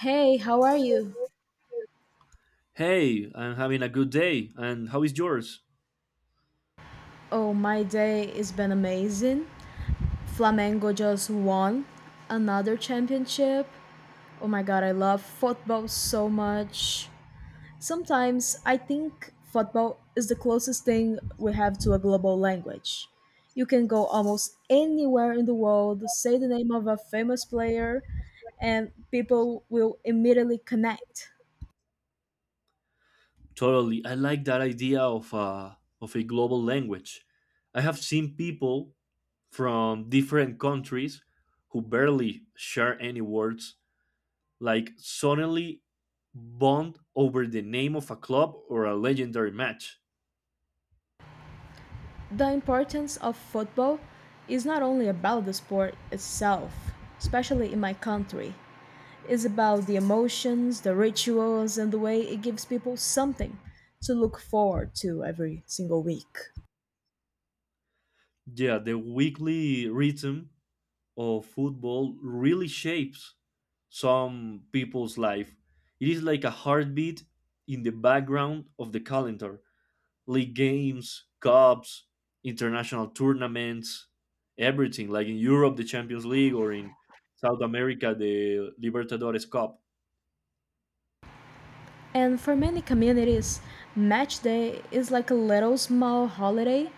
Hey, how are you? Hey, I'm having a good day, and how is yours? Oh, my day has been amazing. Flamengo just won another championship. Oh my god, I love football so much. Sometimes I think football is the closest thing we have to a global language. You can go almost anywhere in the world, say the name of a famous player, and people will immediately connect. Totally. I like that idea of of a global language. I have seen people from different countries who barely share any words, like suddenly bond over the name of a club or a legendary match. The importance of football is not only about the sport itself, especially in my country. It's about the emotions, the rituals, and the way it gives people something to look forward to every single week. Yeah, the weekly rhythm of football really shapes some people's life. It is like a heartbeat in the background of the calendar. League games, cups, international tournaments, everything. Like in Europe, the Champions League, or in South America, the Libertadores Cup. And for many communities, match day is like a little small holiday.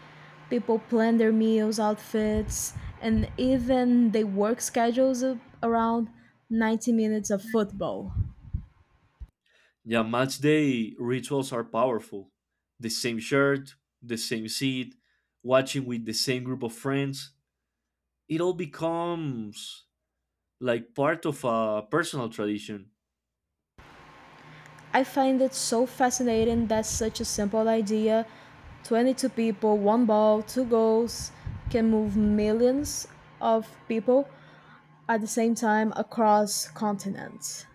People plan their meals, outfits, and even they work schedules around 90 minutes of football. Yeah, match day rituals are powerful. The same shirt, the same seat, watching with the same group of friends. It all becomes like part of a personal tradition. I find it so fascinating that such a simple idea 22 people, one ball, two goals can move millions of people at the same time across continents.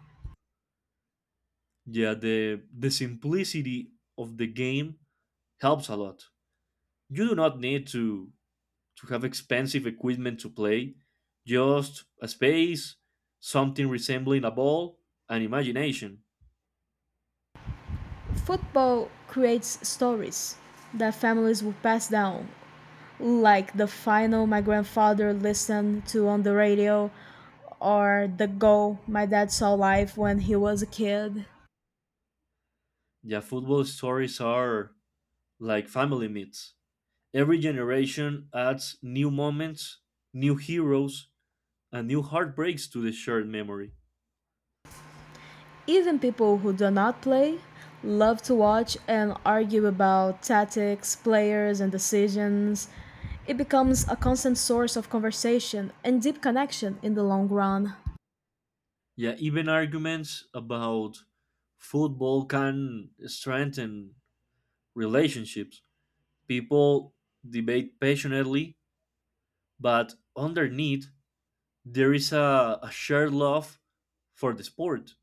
Yeah, the simplicity of the game helps a lot. You do not need to have expensive equipment to play, just a space, something resembling a ball, and imagination. Football creates stories that families will pass down, like the final my grandfather listened to on the radio, or the goal my dad saw live when he was a kid. Yeah, football stories are like family myths. Every generation adds new moments, new heroes, and new heartbreaks to the shared memory. Even people who do not play love to watch and argue about tactics, players, and decisions. It becomes a constant source of conversation and deep connection in the long run. Yeah, even arguments about football can strengthen relationships. People debate passionately, but underneath there is a shared love for the sport.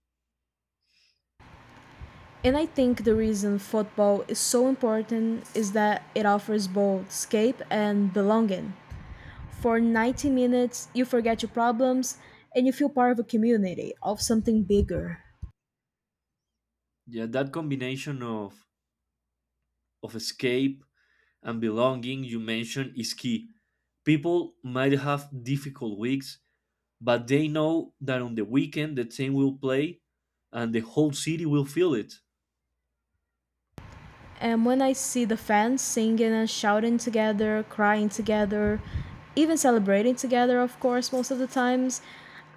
And I think the reason football is so important is that it offers both escape and belonging. For 90 minutes, you forget your problems and you feel part of a community, of something bigger. Yeah, that combination of escape and belonging you mentioned is key. People might have difficult weeks, but they know that on the weekend the team will play and the whole city will feel it. And when I see the fans singing and shouting together, crying together, even celebrating together, of course, most of the times,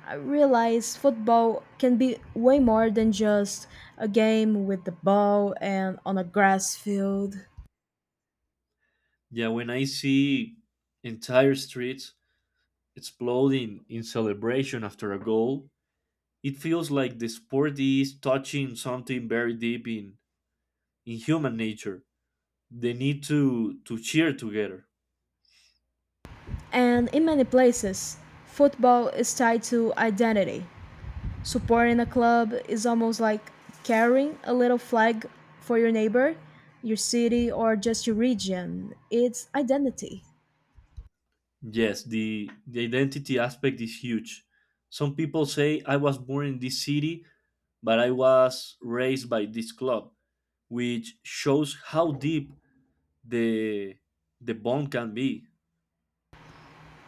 I realize football can be way more than just a game with the ball and on a grass field. Yeah, when I see entire streets exploding in celebration after a goal, it feels like the sport is touching something very deep in human nature. The need to cheer together. And in many places, football is tied to identity. Supporting a club is almost like carrying a little flag for your neighbor, your city, or just your region. It's identity. Yes, the identity aspect is huge. Some people say, I was born in this city, but I was raised by this club, which shows how deep the, the bond can be.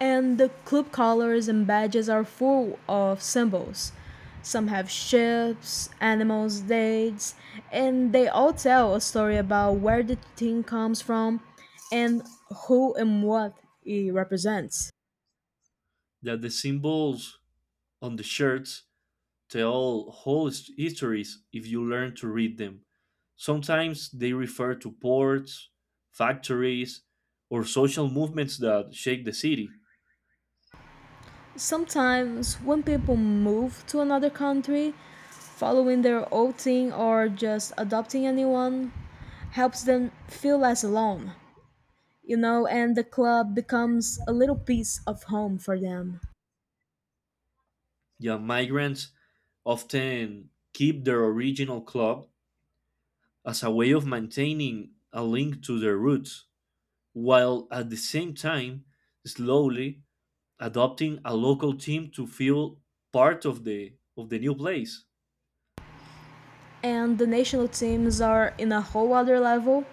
And the club colors and badges are full of symbols. Some have ships, animals, dates, and they all tell a story about where the team comes from and who and what it represents. That the symbols on the shirts tell whole histories if you learn to read them. Sometimes they refer to ports, factories, or social movements that shake the city. Sometimes, when people move to another country, following their old thing or just adopting a new one helps them feel less alone, and the club becomes a little piece of home for them. Yeah, migrants often keep their original club as a way of maintaining a link to their roots, while at the same time, slowly adopting a local team to feel part of the new place. And the national teams are in a whole other level.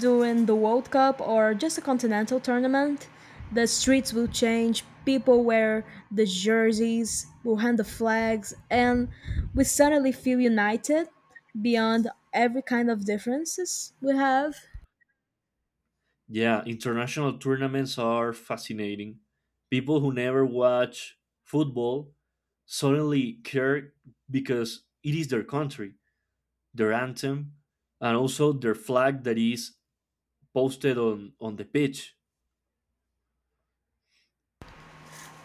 During the World Cup or just a continental tournament, the streets will change, people wear the jerseys, will hand the flags, and we suddenly feel united beyond every kind of differences we have. Yeah, international tournaments are fascinating. People who never watch football suddenly care because it is their country, their anthem, and also their flag that is posted on the pitch.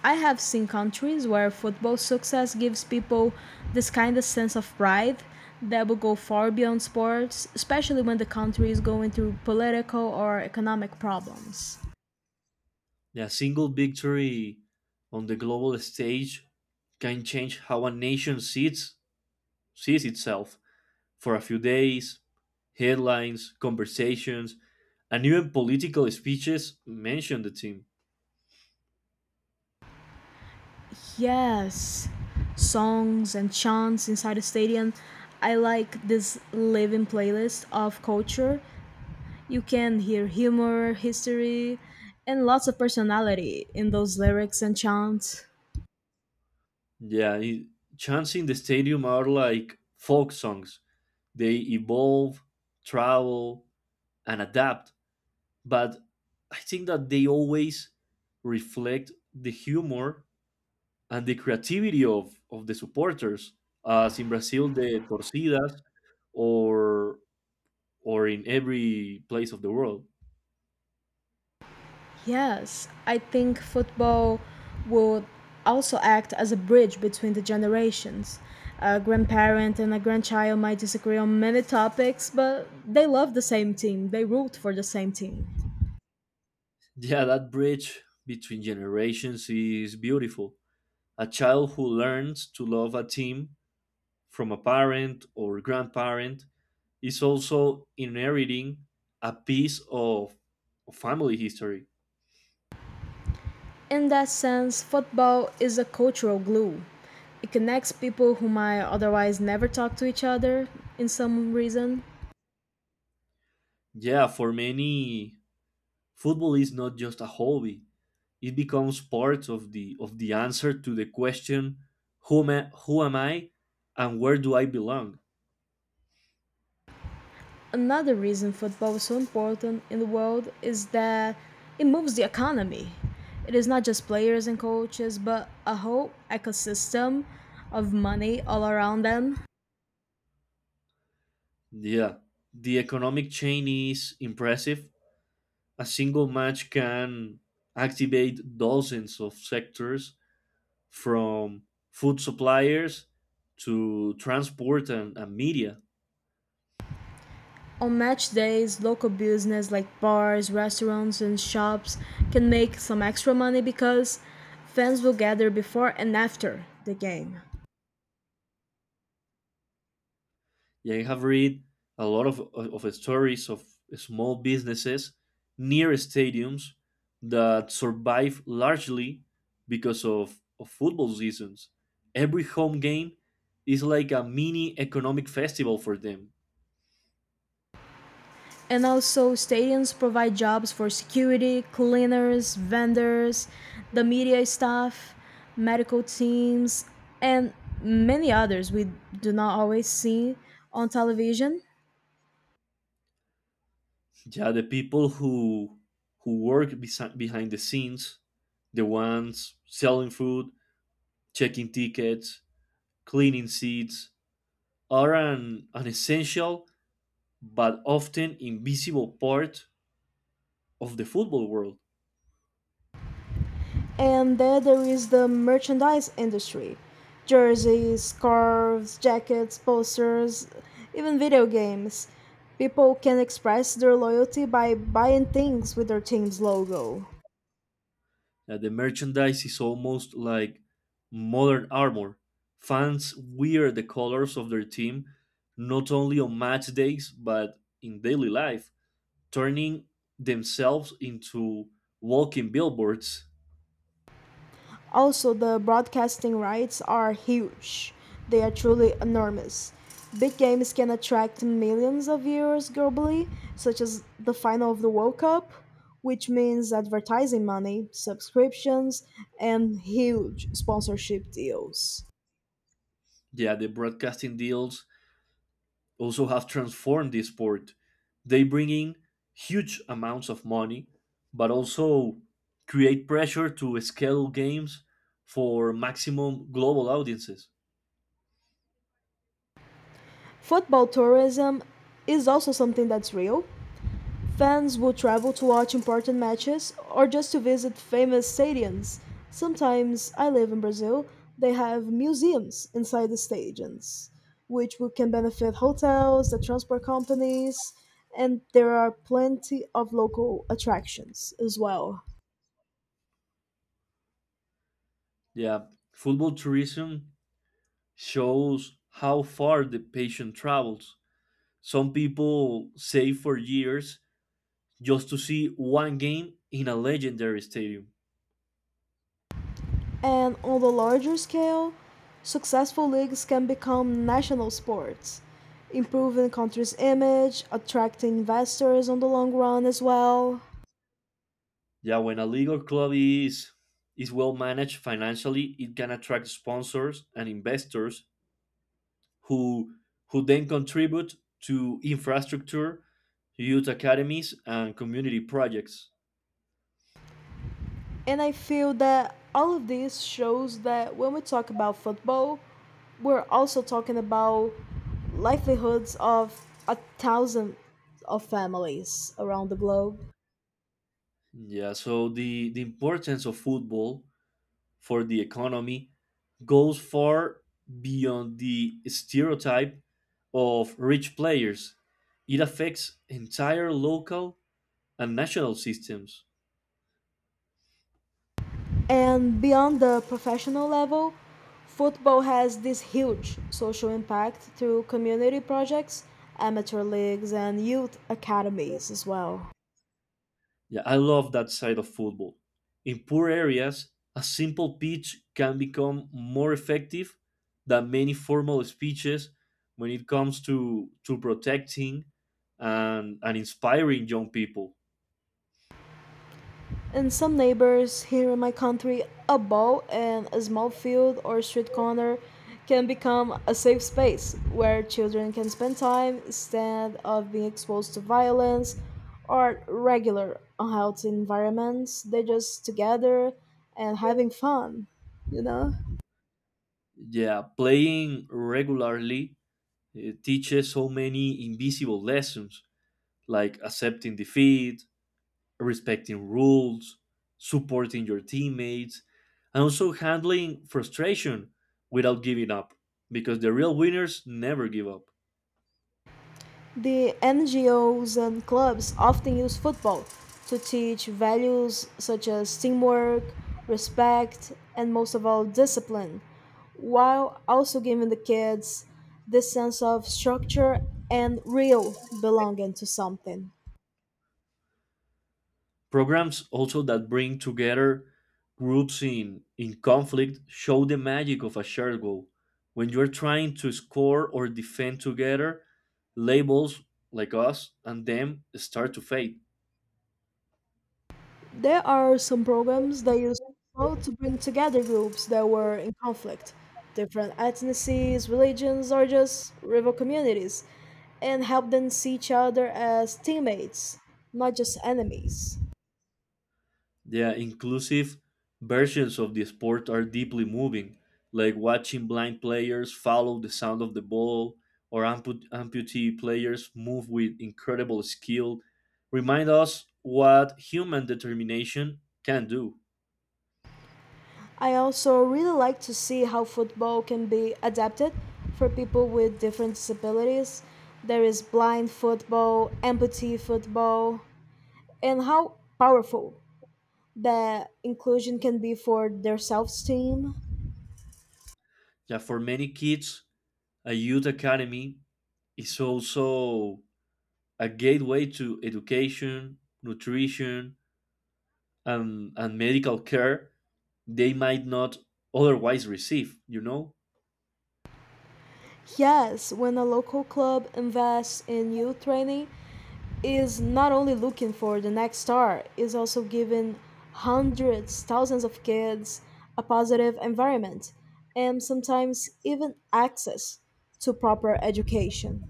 I have seen countries where football success gives people this kind of sense of pride that will go far beyond sports, especially when the country is going through political or economic problems. A single victory on the global stage can change how a nation sees itself for a few days. Headlines, conversations, and even political speeches mention the team. Yes, songs and chants inside the stadium. I like this living playlist of culture. You can hear humor, history, and lots of personality in those lyrics and chants. Yeah, chants in the stadium are like folk songs. They evolve, travel, and adapt. But I think that they always reflect the humor and the creativity of the supporters. As in Brazil, the torcidas, or or in every place of the world. Yes, I think football would also act as a bridge between the generations. A grandparent and a grandchild might disagree on many topics, but they love the same team, they root for the same team. Yeah, that bridge between generations is beautiful. A child who learns to love a team from a parent or grandparent is also inheriting a piece of family history. In that sense, football is a cultural glue. It connects people who might otherwise never talk to each other in some reason. Yeah, for many, football is not just a hobby. It becomes part of the answer to the question who am I and where do I belong? Another reason football is so important in the world is that it moves the economy. It is not just players and coaches, but a whole ecosystem of money all around them. Yeah. The economic chain is impressive. A single match can activate dozens of sectors from food suppliers to transport and media. On match days, local business like bars, restaurants, and shops can make some extra money because fans will gather before and after the game. Yeah, I have read a lot of stories of small businesses near stadiums that survive largely because of football seasons. Every home game is like a mini economic festival for them. And also, stadiums provide jobs for security, cleaners, vendors, the media staff, medical teams, and many others we do not always see on television. Yeah, the people who work behind the scenes, the ones selling food, checking tickets, cleaning seats, are an essential but often invisible part of the football world. And then there is the merchandise industry jerseys, scarves, jackets, posters, even video games. People can express their loyalty by buying things with their team's logo. The merchandise is almost like modern armor. Fans wear the colors of their team not only on match days but in daily life, turning themselves into walking billboards. Also, the broadcasting rights are huge. They are truly enormous. Big games can attract millions of viewers globally, such as the final of the World Cup, which means advertising money, subscriptions, and huge sponsorship deals. Yeah, the broadcasting deals also have transformed the sport. They bring in huge amounts of money, but also create pressure to scale games for maximum global audiences. Football tourism is also something that's real. Fans would travel to watch important matches or just to visit famous stadiums. Sometimes, I live in Brazil, they have museums inside the stadiums, which we can benefit hotels, the transport companies, and there are plenty of local attractions as well. Yeah, football tourism shows how far the patient travels. Some people save for years just to see one game in a legendary stadium. And on the larger scale, successful leagues can become national sports, improving country's image, attracting investors on the long run as well. Yeah, when a league or club is well managed financially, it can attract sponsors and investors who who then contribute to infrastructure, youth academies, and community projects. And I feel that all of this shows that when we talk about football, we're also talking about livelihoods of a thousand of families around the globe. Yeah, so the importance of football for the economy goes far beyond the stereotype of rich players. It affects entire local and national systems. And beyond the professional level, football has this huge social impact through community projects, amateur leagues, and youth academies as well. Yeah, I love that side of football. In poor areas, a simple pitch can become more effective than many formal speeches when it comes to protecting and inspiring young people. In some neighbors here in my country, a ball and a small field or street corner can become a safe space where children can spend time instead of being exposed to violence or regular unhealthy environments. They just together and having fun, you know? Yeah, playing regularly teaches so many invisible lessons like accepting defeat, respecting rules, supporting your teammates, and also handling frustration without giving up, because the real winners never give up. The NGOs and clubs often use football to teach values such as teamwork, respect, and most of all, discipline, while also giving the kids this sense of structure and real belonging to something. Programs also that bring together groups in conflict show the magic of a shared goal. When you're trying to score or defend together, labels like us and them start to fade. There are some programs that use football to bring together groups that were in conflict, different ethnicities, religions, or just rival communities, and help them see each other as teammates, not just enemies. The inclusive versions of the sport are deeply moving, like watching blind players follow the sound of the ball or amputee players move with incredible skill, remind us what human determination can do. I also really like to see how football can be adapted for people with different disabilities. There is blind football, amputee football, and how powerful that inclusion can be for their self esteem. Yeah, for many kids, a youth academy is also a gateway to education, nutrition, and medical care they might not otherwise receive, you know? Yes, when a local club invests in youth training, is not only looking for the next star, is also giving hundreds, thousands of kids a positive environment and sometimes even access to proper education.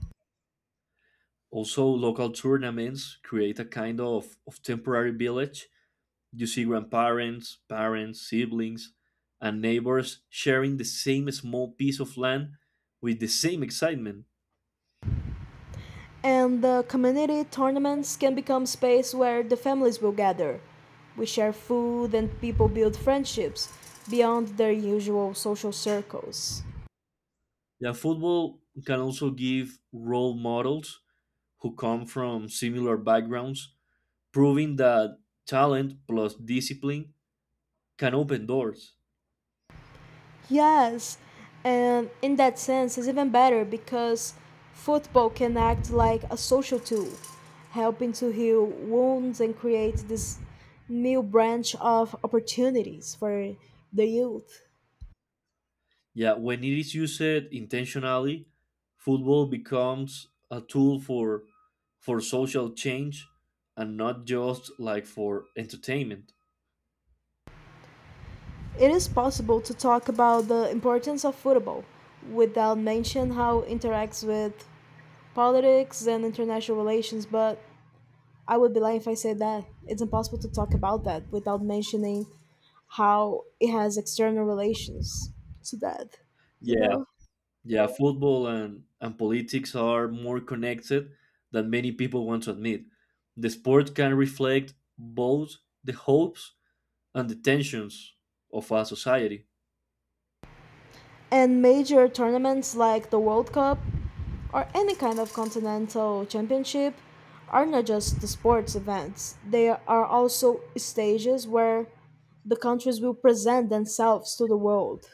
Also, local tournaments create a kind of temporary village. You see grandparents, parents, siblings, and neighbors sharing the same small piece of land with the same excitement. And the community tournaments can become space where the families will gather. We share food and people build friendships beyond their usual social circles. Yeah, football can also give role models who come from similar backgrounds, proving that talent plus discipline can open doors. Yes, and in that sense, it's even better because football can act like a social tool, helping to heal wounds and create this new branch of opportunities for the youth. Yeah, when it is used intentionally, football becomes a tool for social change and not just like for entertainment. It is possible to talk about the importance of football without mention how it interacts with politics and international relations, but I would be lying if I said that. It's impossible to talk about that without mentioning how it has external relations to that, you Yeah, know? yeah, football and politics are more connected than many people want to admit. The sport can reflect both the hopes and the tensions of our society. And major tournaments like the World Cup or any kind of continental championship are not just the sports events, they are also stages where the countries will present themselves to the world.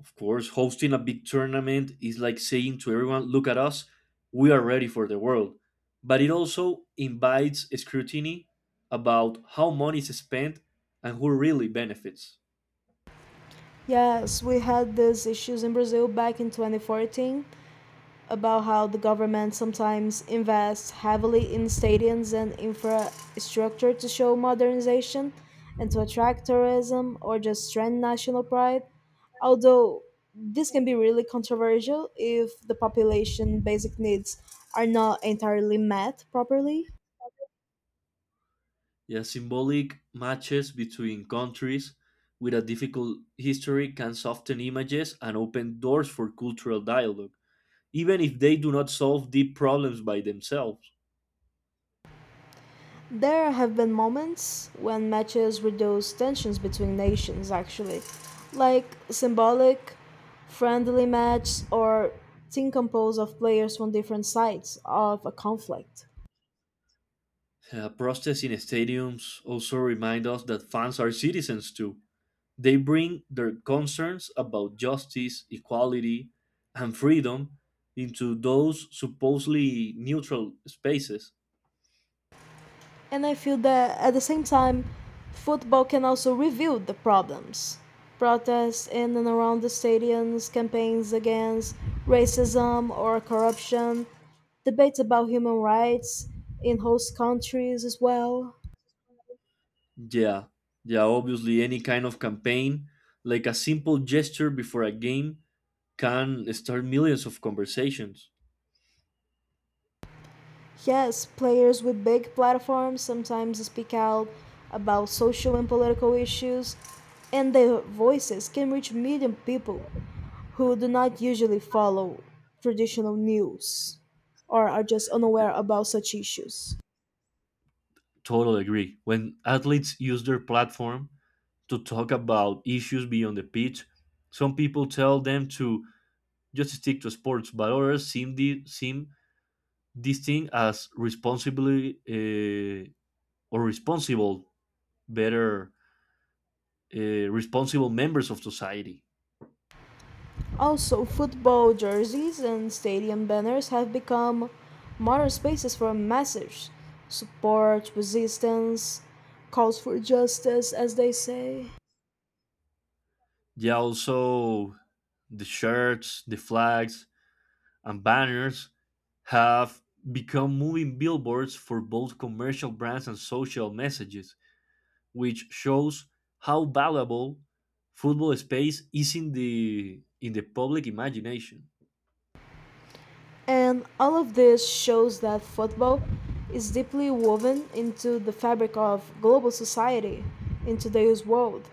Of course, hosting a big tournament is like saying to everyone, look at us, we are ready for the world. But it also invites scrutiny about how money is spent and who really benefits. Yes, we had these issues in Brazil back in 2014 about how the government sometimes invests heavily in stadiums and infrastructure to show modernization and to attract tourism or just strengthen national pride. Although this can be really controversial if the population basic needs are not entirely met properly. Yeah, symbolic matches between countries with a difficult history can soften images and open doors for cultural dialogue, even if they do not solve deep problems by themselves. There have been moments when matches reduced tensions between nations, actually, like symbolic, friendly matches or team composed of players from different sides of a conflict. Protests in stadiums also remind us that fans are citizens too. They bring their concerns about justice, equality, and freedom into those supposedly neutral spaces. And I feel that at the same time, football can also reveal the problems. Protests in and around the stadiums, campaigns against racism or corruption, debates about human rights in host countries as well. Yeah, yeah, obviously, any kind of campaign, like a simple gesture before a game, can start millions of conversations. Yes, players with big platforms sometimes speak out about social and political issues, and their voices can reach million people who do not usually follow traditional news or are just unaware about such issues. Totally agree. When athletes use their platform to talk about issues beyond the pitch, some people tell them to just stick to sports, but others seem this thing as responsibly or responsible, better uh, responsible members of society. Also, football jerseys and stadium banners have become modern spaces for message, support, resistance, calls for justice, as they say. Yeah, also the shirts, the flags, and banners have become moving billboards for both commercial brands and social messages, which shows how valuable football space is in the public imagination. And all of this shows that football is deeply woven into the fabric of global society in today's world.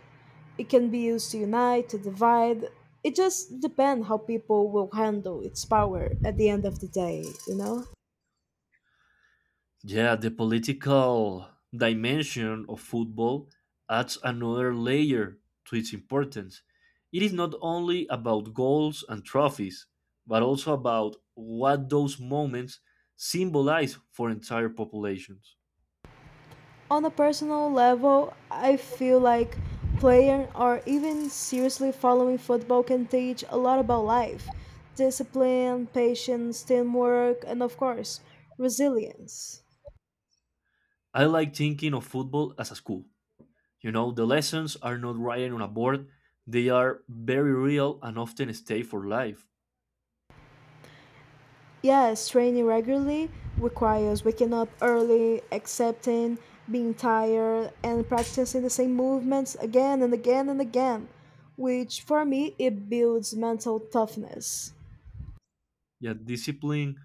It can be used to unite, to divide. It just depends how people will handle its power at the end of the day, you know? Yeah, the political dimension of football adds another layer to its importance. It is not only about goals and trophies, but also about what those moments symbolize for entire populations. On a personal level, I feel like playing or even seriously following football can teach a lot about life discipline, patience, teamwork, and of course, resilience. I like thinking of football as a school. You know, the lessons are not written on a board, they are very real and often stay for life. Yes, training regularly requires waking up early, accepting being tired, and practicing the same movements again and again and again, which for me it builds mental toughness. Yeah, discipline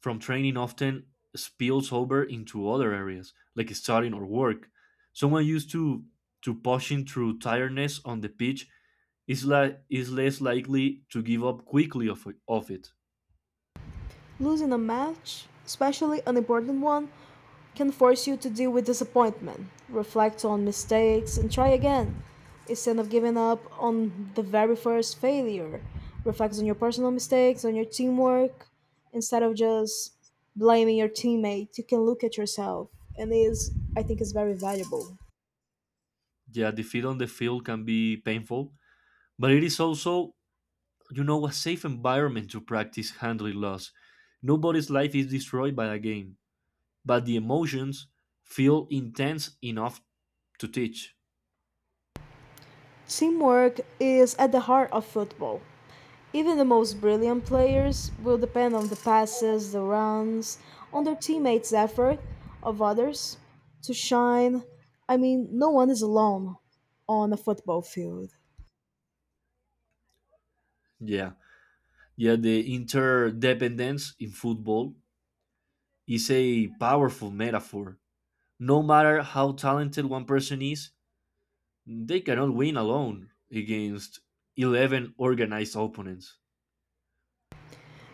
from training often spills over into other areas, like studying or work. Someone used to pushing through tiredness on the pitch is less likely to give up quickly of it. Losing a match, especially an important one, can force you to deal with disappointment, reflect on mistakes, and try again. Instead of giving up on the very first failure, reflect on your personal mistakes, on your teamwork. Instead of just blaming your teammate, you can look at yourself, and is I think is very valuable. Yeah, defeat on the field can be painful, but it is also, a safe environment to practice handling loss. Nobody's life is destroyed by a game, but the emotions feel intense enough to teach. Teamwork is at the heart of football. Even the most brilliant players will depend on the passes, the runs, on their teammates' effort of others to shine. I mean, no one is alone on a football field. Yeah, yeah, the interdependence in football is a powerful metaphor. No matter how talented one person is, they cannot win alone against 11 organized opponents.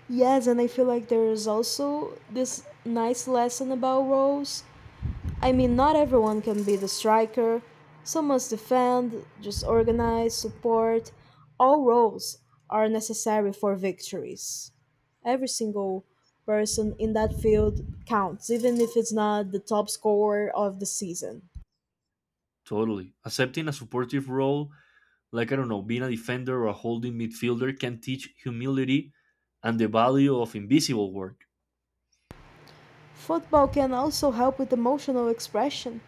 Yes, and I feel like there is also this nice lesson about roles I mean, not everyone can be the striker. Some must defend, just organize, support. All roles are necessary for victories. Every single person in that field counts, even if it's not the top scorer of the season. Totally. Accepting a supportive role, like I don't know, being a defender or a holding midfielder, can teach humility and the value of invisible work. Football can also help with emotional expression.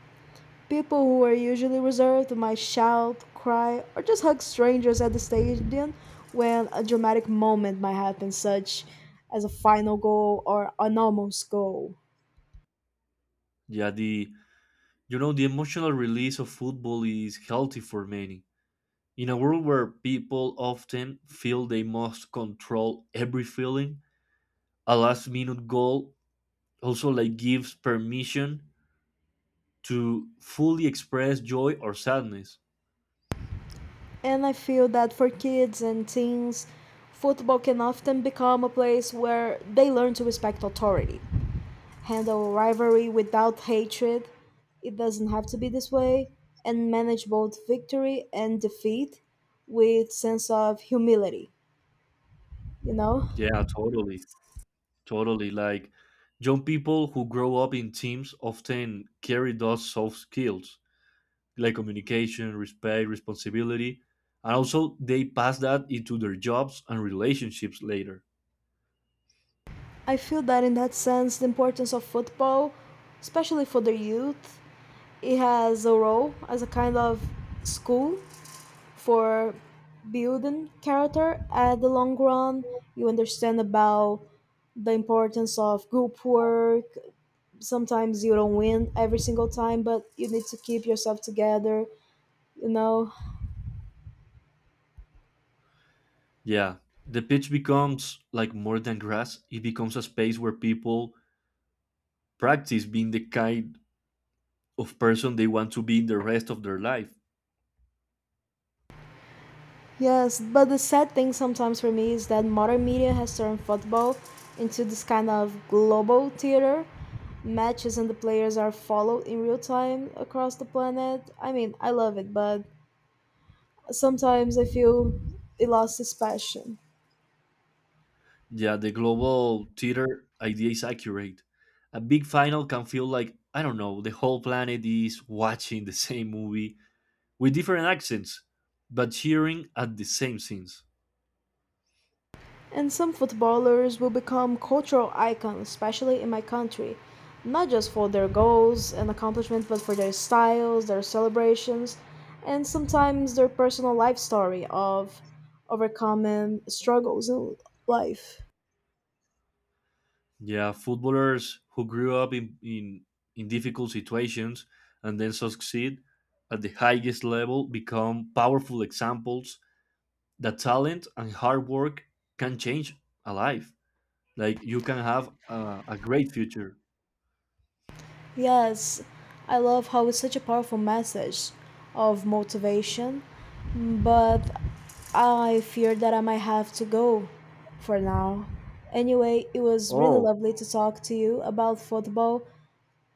People who are usually reserved might shout, cry, or just hug strangers at the stadium when a dramatic moment might happen, such as a final goal or an almost goal. Yeah, the you know the emotional release of football is healthy for many. In a world where people often feel they must control every feeling, a last minute goal also like gives permission to fully express joy or sadness. And I feel that for kids and teens, football can often become a place where they learn to respect authority, handle rivalry without hatred. It doesn't have to be this way, and manage both victory and defeat with sense of humility, you know? Yeah, totally. Totally. Like young people who grow up in teams often carry those soft skills, like communication, respect, responsibility, and also they pass that into their jobs and relationships later. I feel that in that sense, the importance of football, especially for the youth, it has a role as a kind of school for building character at the long run. You understand about the importance of group work. Sometimes you don't win every single time, but you need to keep yourself together. You know, Yeah, the pitch becomes like more than grass. It becomes a space where people practice being the kind of person they want to be in the rest of their life. Yes, but the sad thing sometimes for me is that modern media has turned football into this kind of global theater. Matches and the players are followed in real time across the planet. I mean, I love it, but sometimes I feel it lost its passion. Yeah, the global theater idea is accurate. A big final can feel like, I don't know, the whole planet is watching the same movie with different accents, but cheering at the same scenes. And some footballers will become cultural icons, especially in my country, not just for their goals and accomplishments, but for their styles, their celebrations, and sometimes their personal life story of overcoming struggles in life. Yeah, footballers who grew up in difficult situations and then succeed at the highest level become powerful examples that talent and hard work can change a life. Like you can have a great future. Yes, I love how it's such a powerful message of motivation, but I fear that I might have to go for now. Anyway, it was really Oh, lovely to talk to you about football.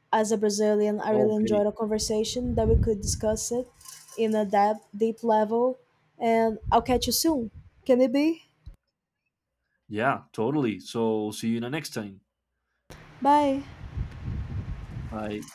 As a Brazilian, I really okay. enjoyed a conversation that we could discuss it in a depth, deep level. And I'll catch you soon. Can it be? Yeah, totally. So see you in the next time. Bye. Bye.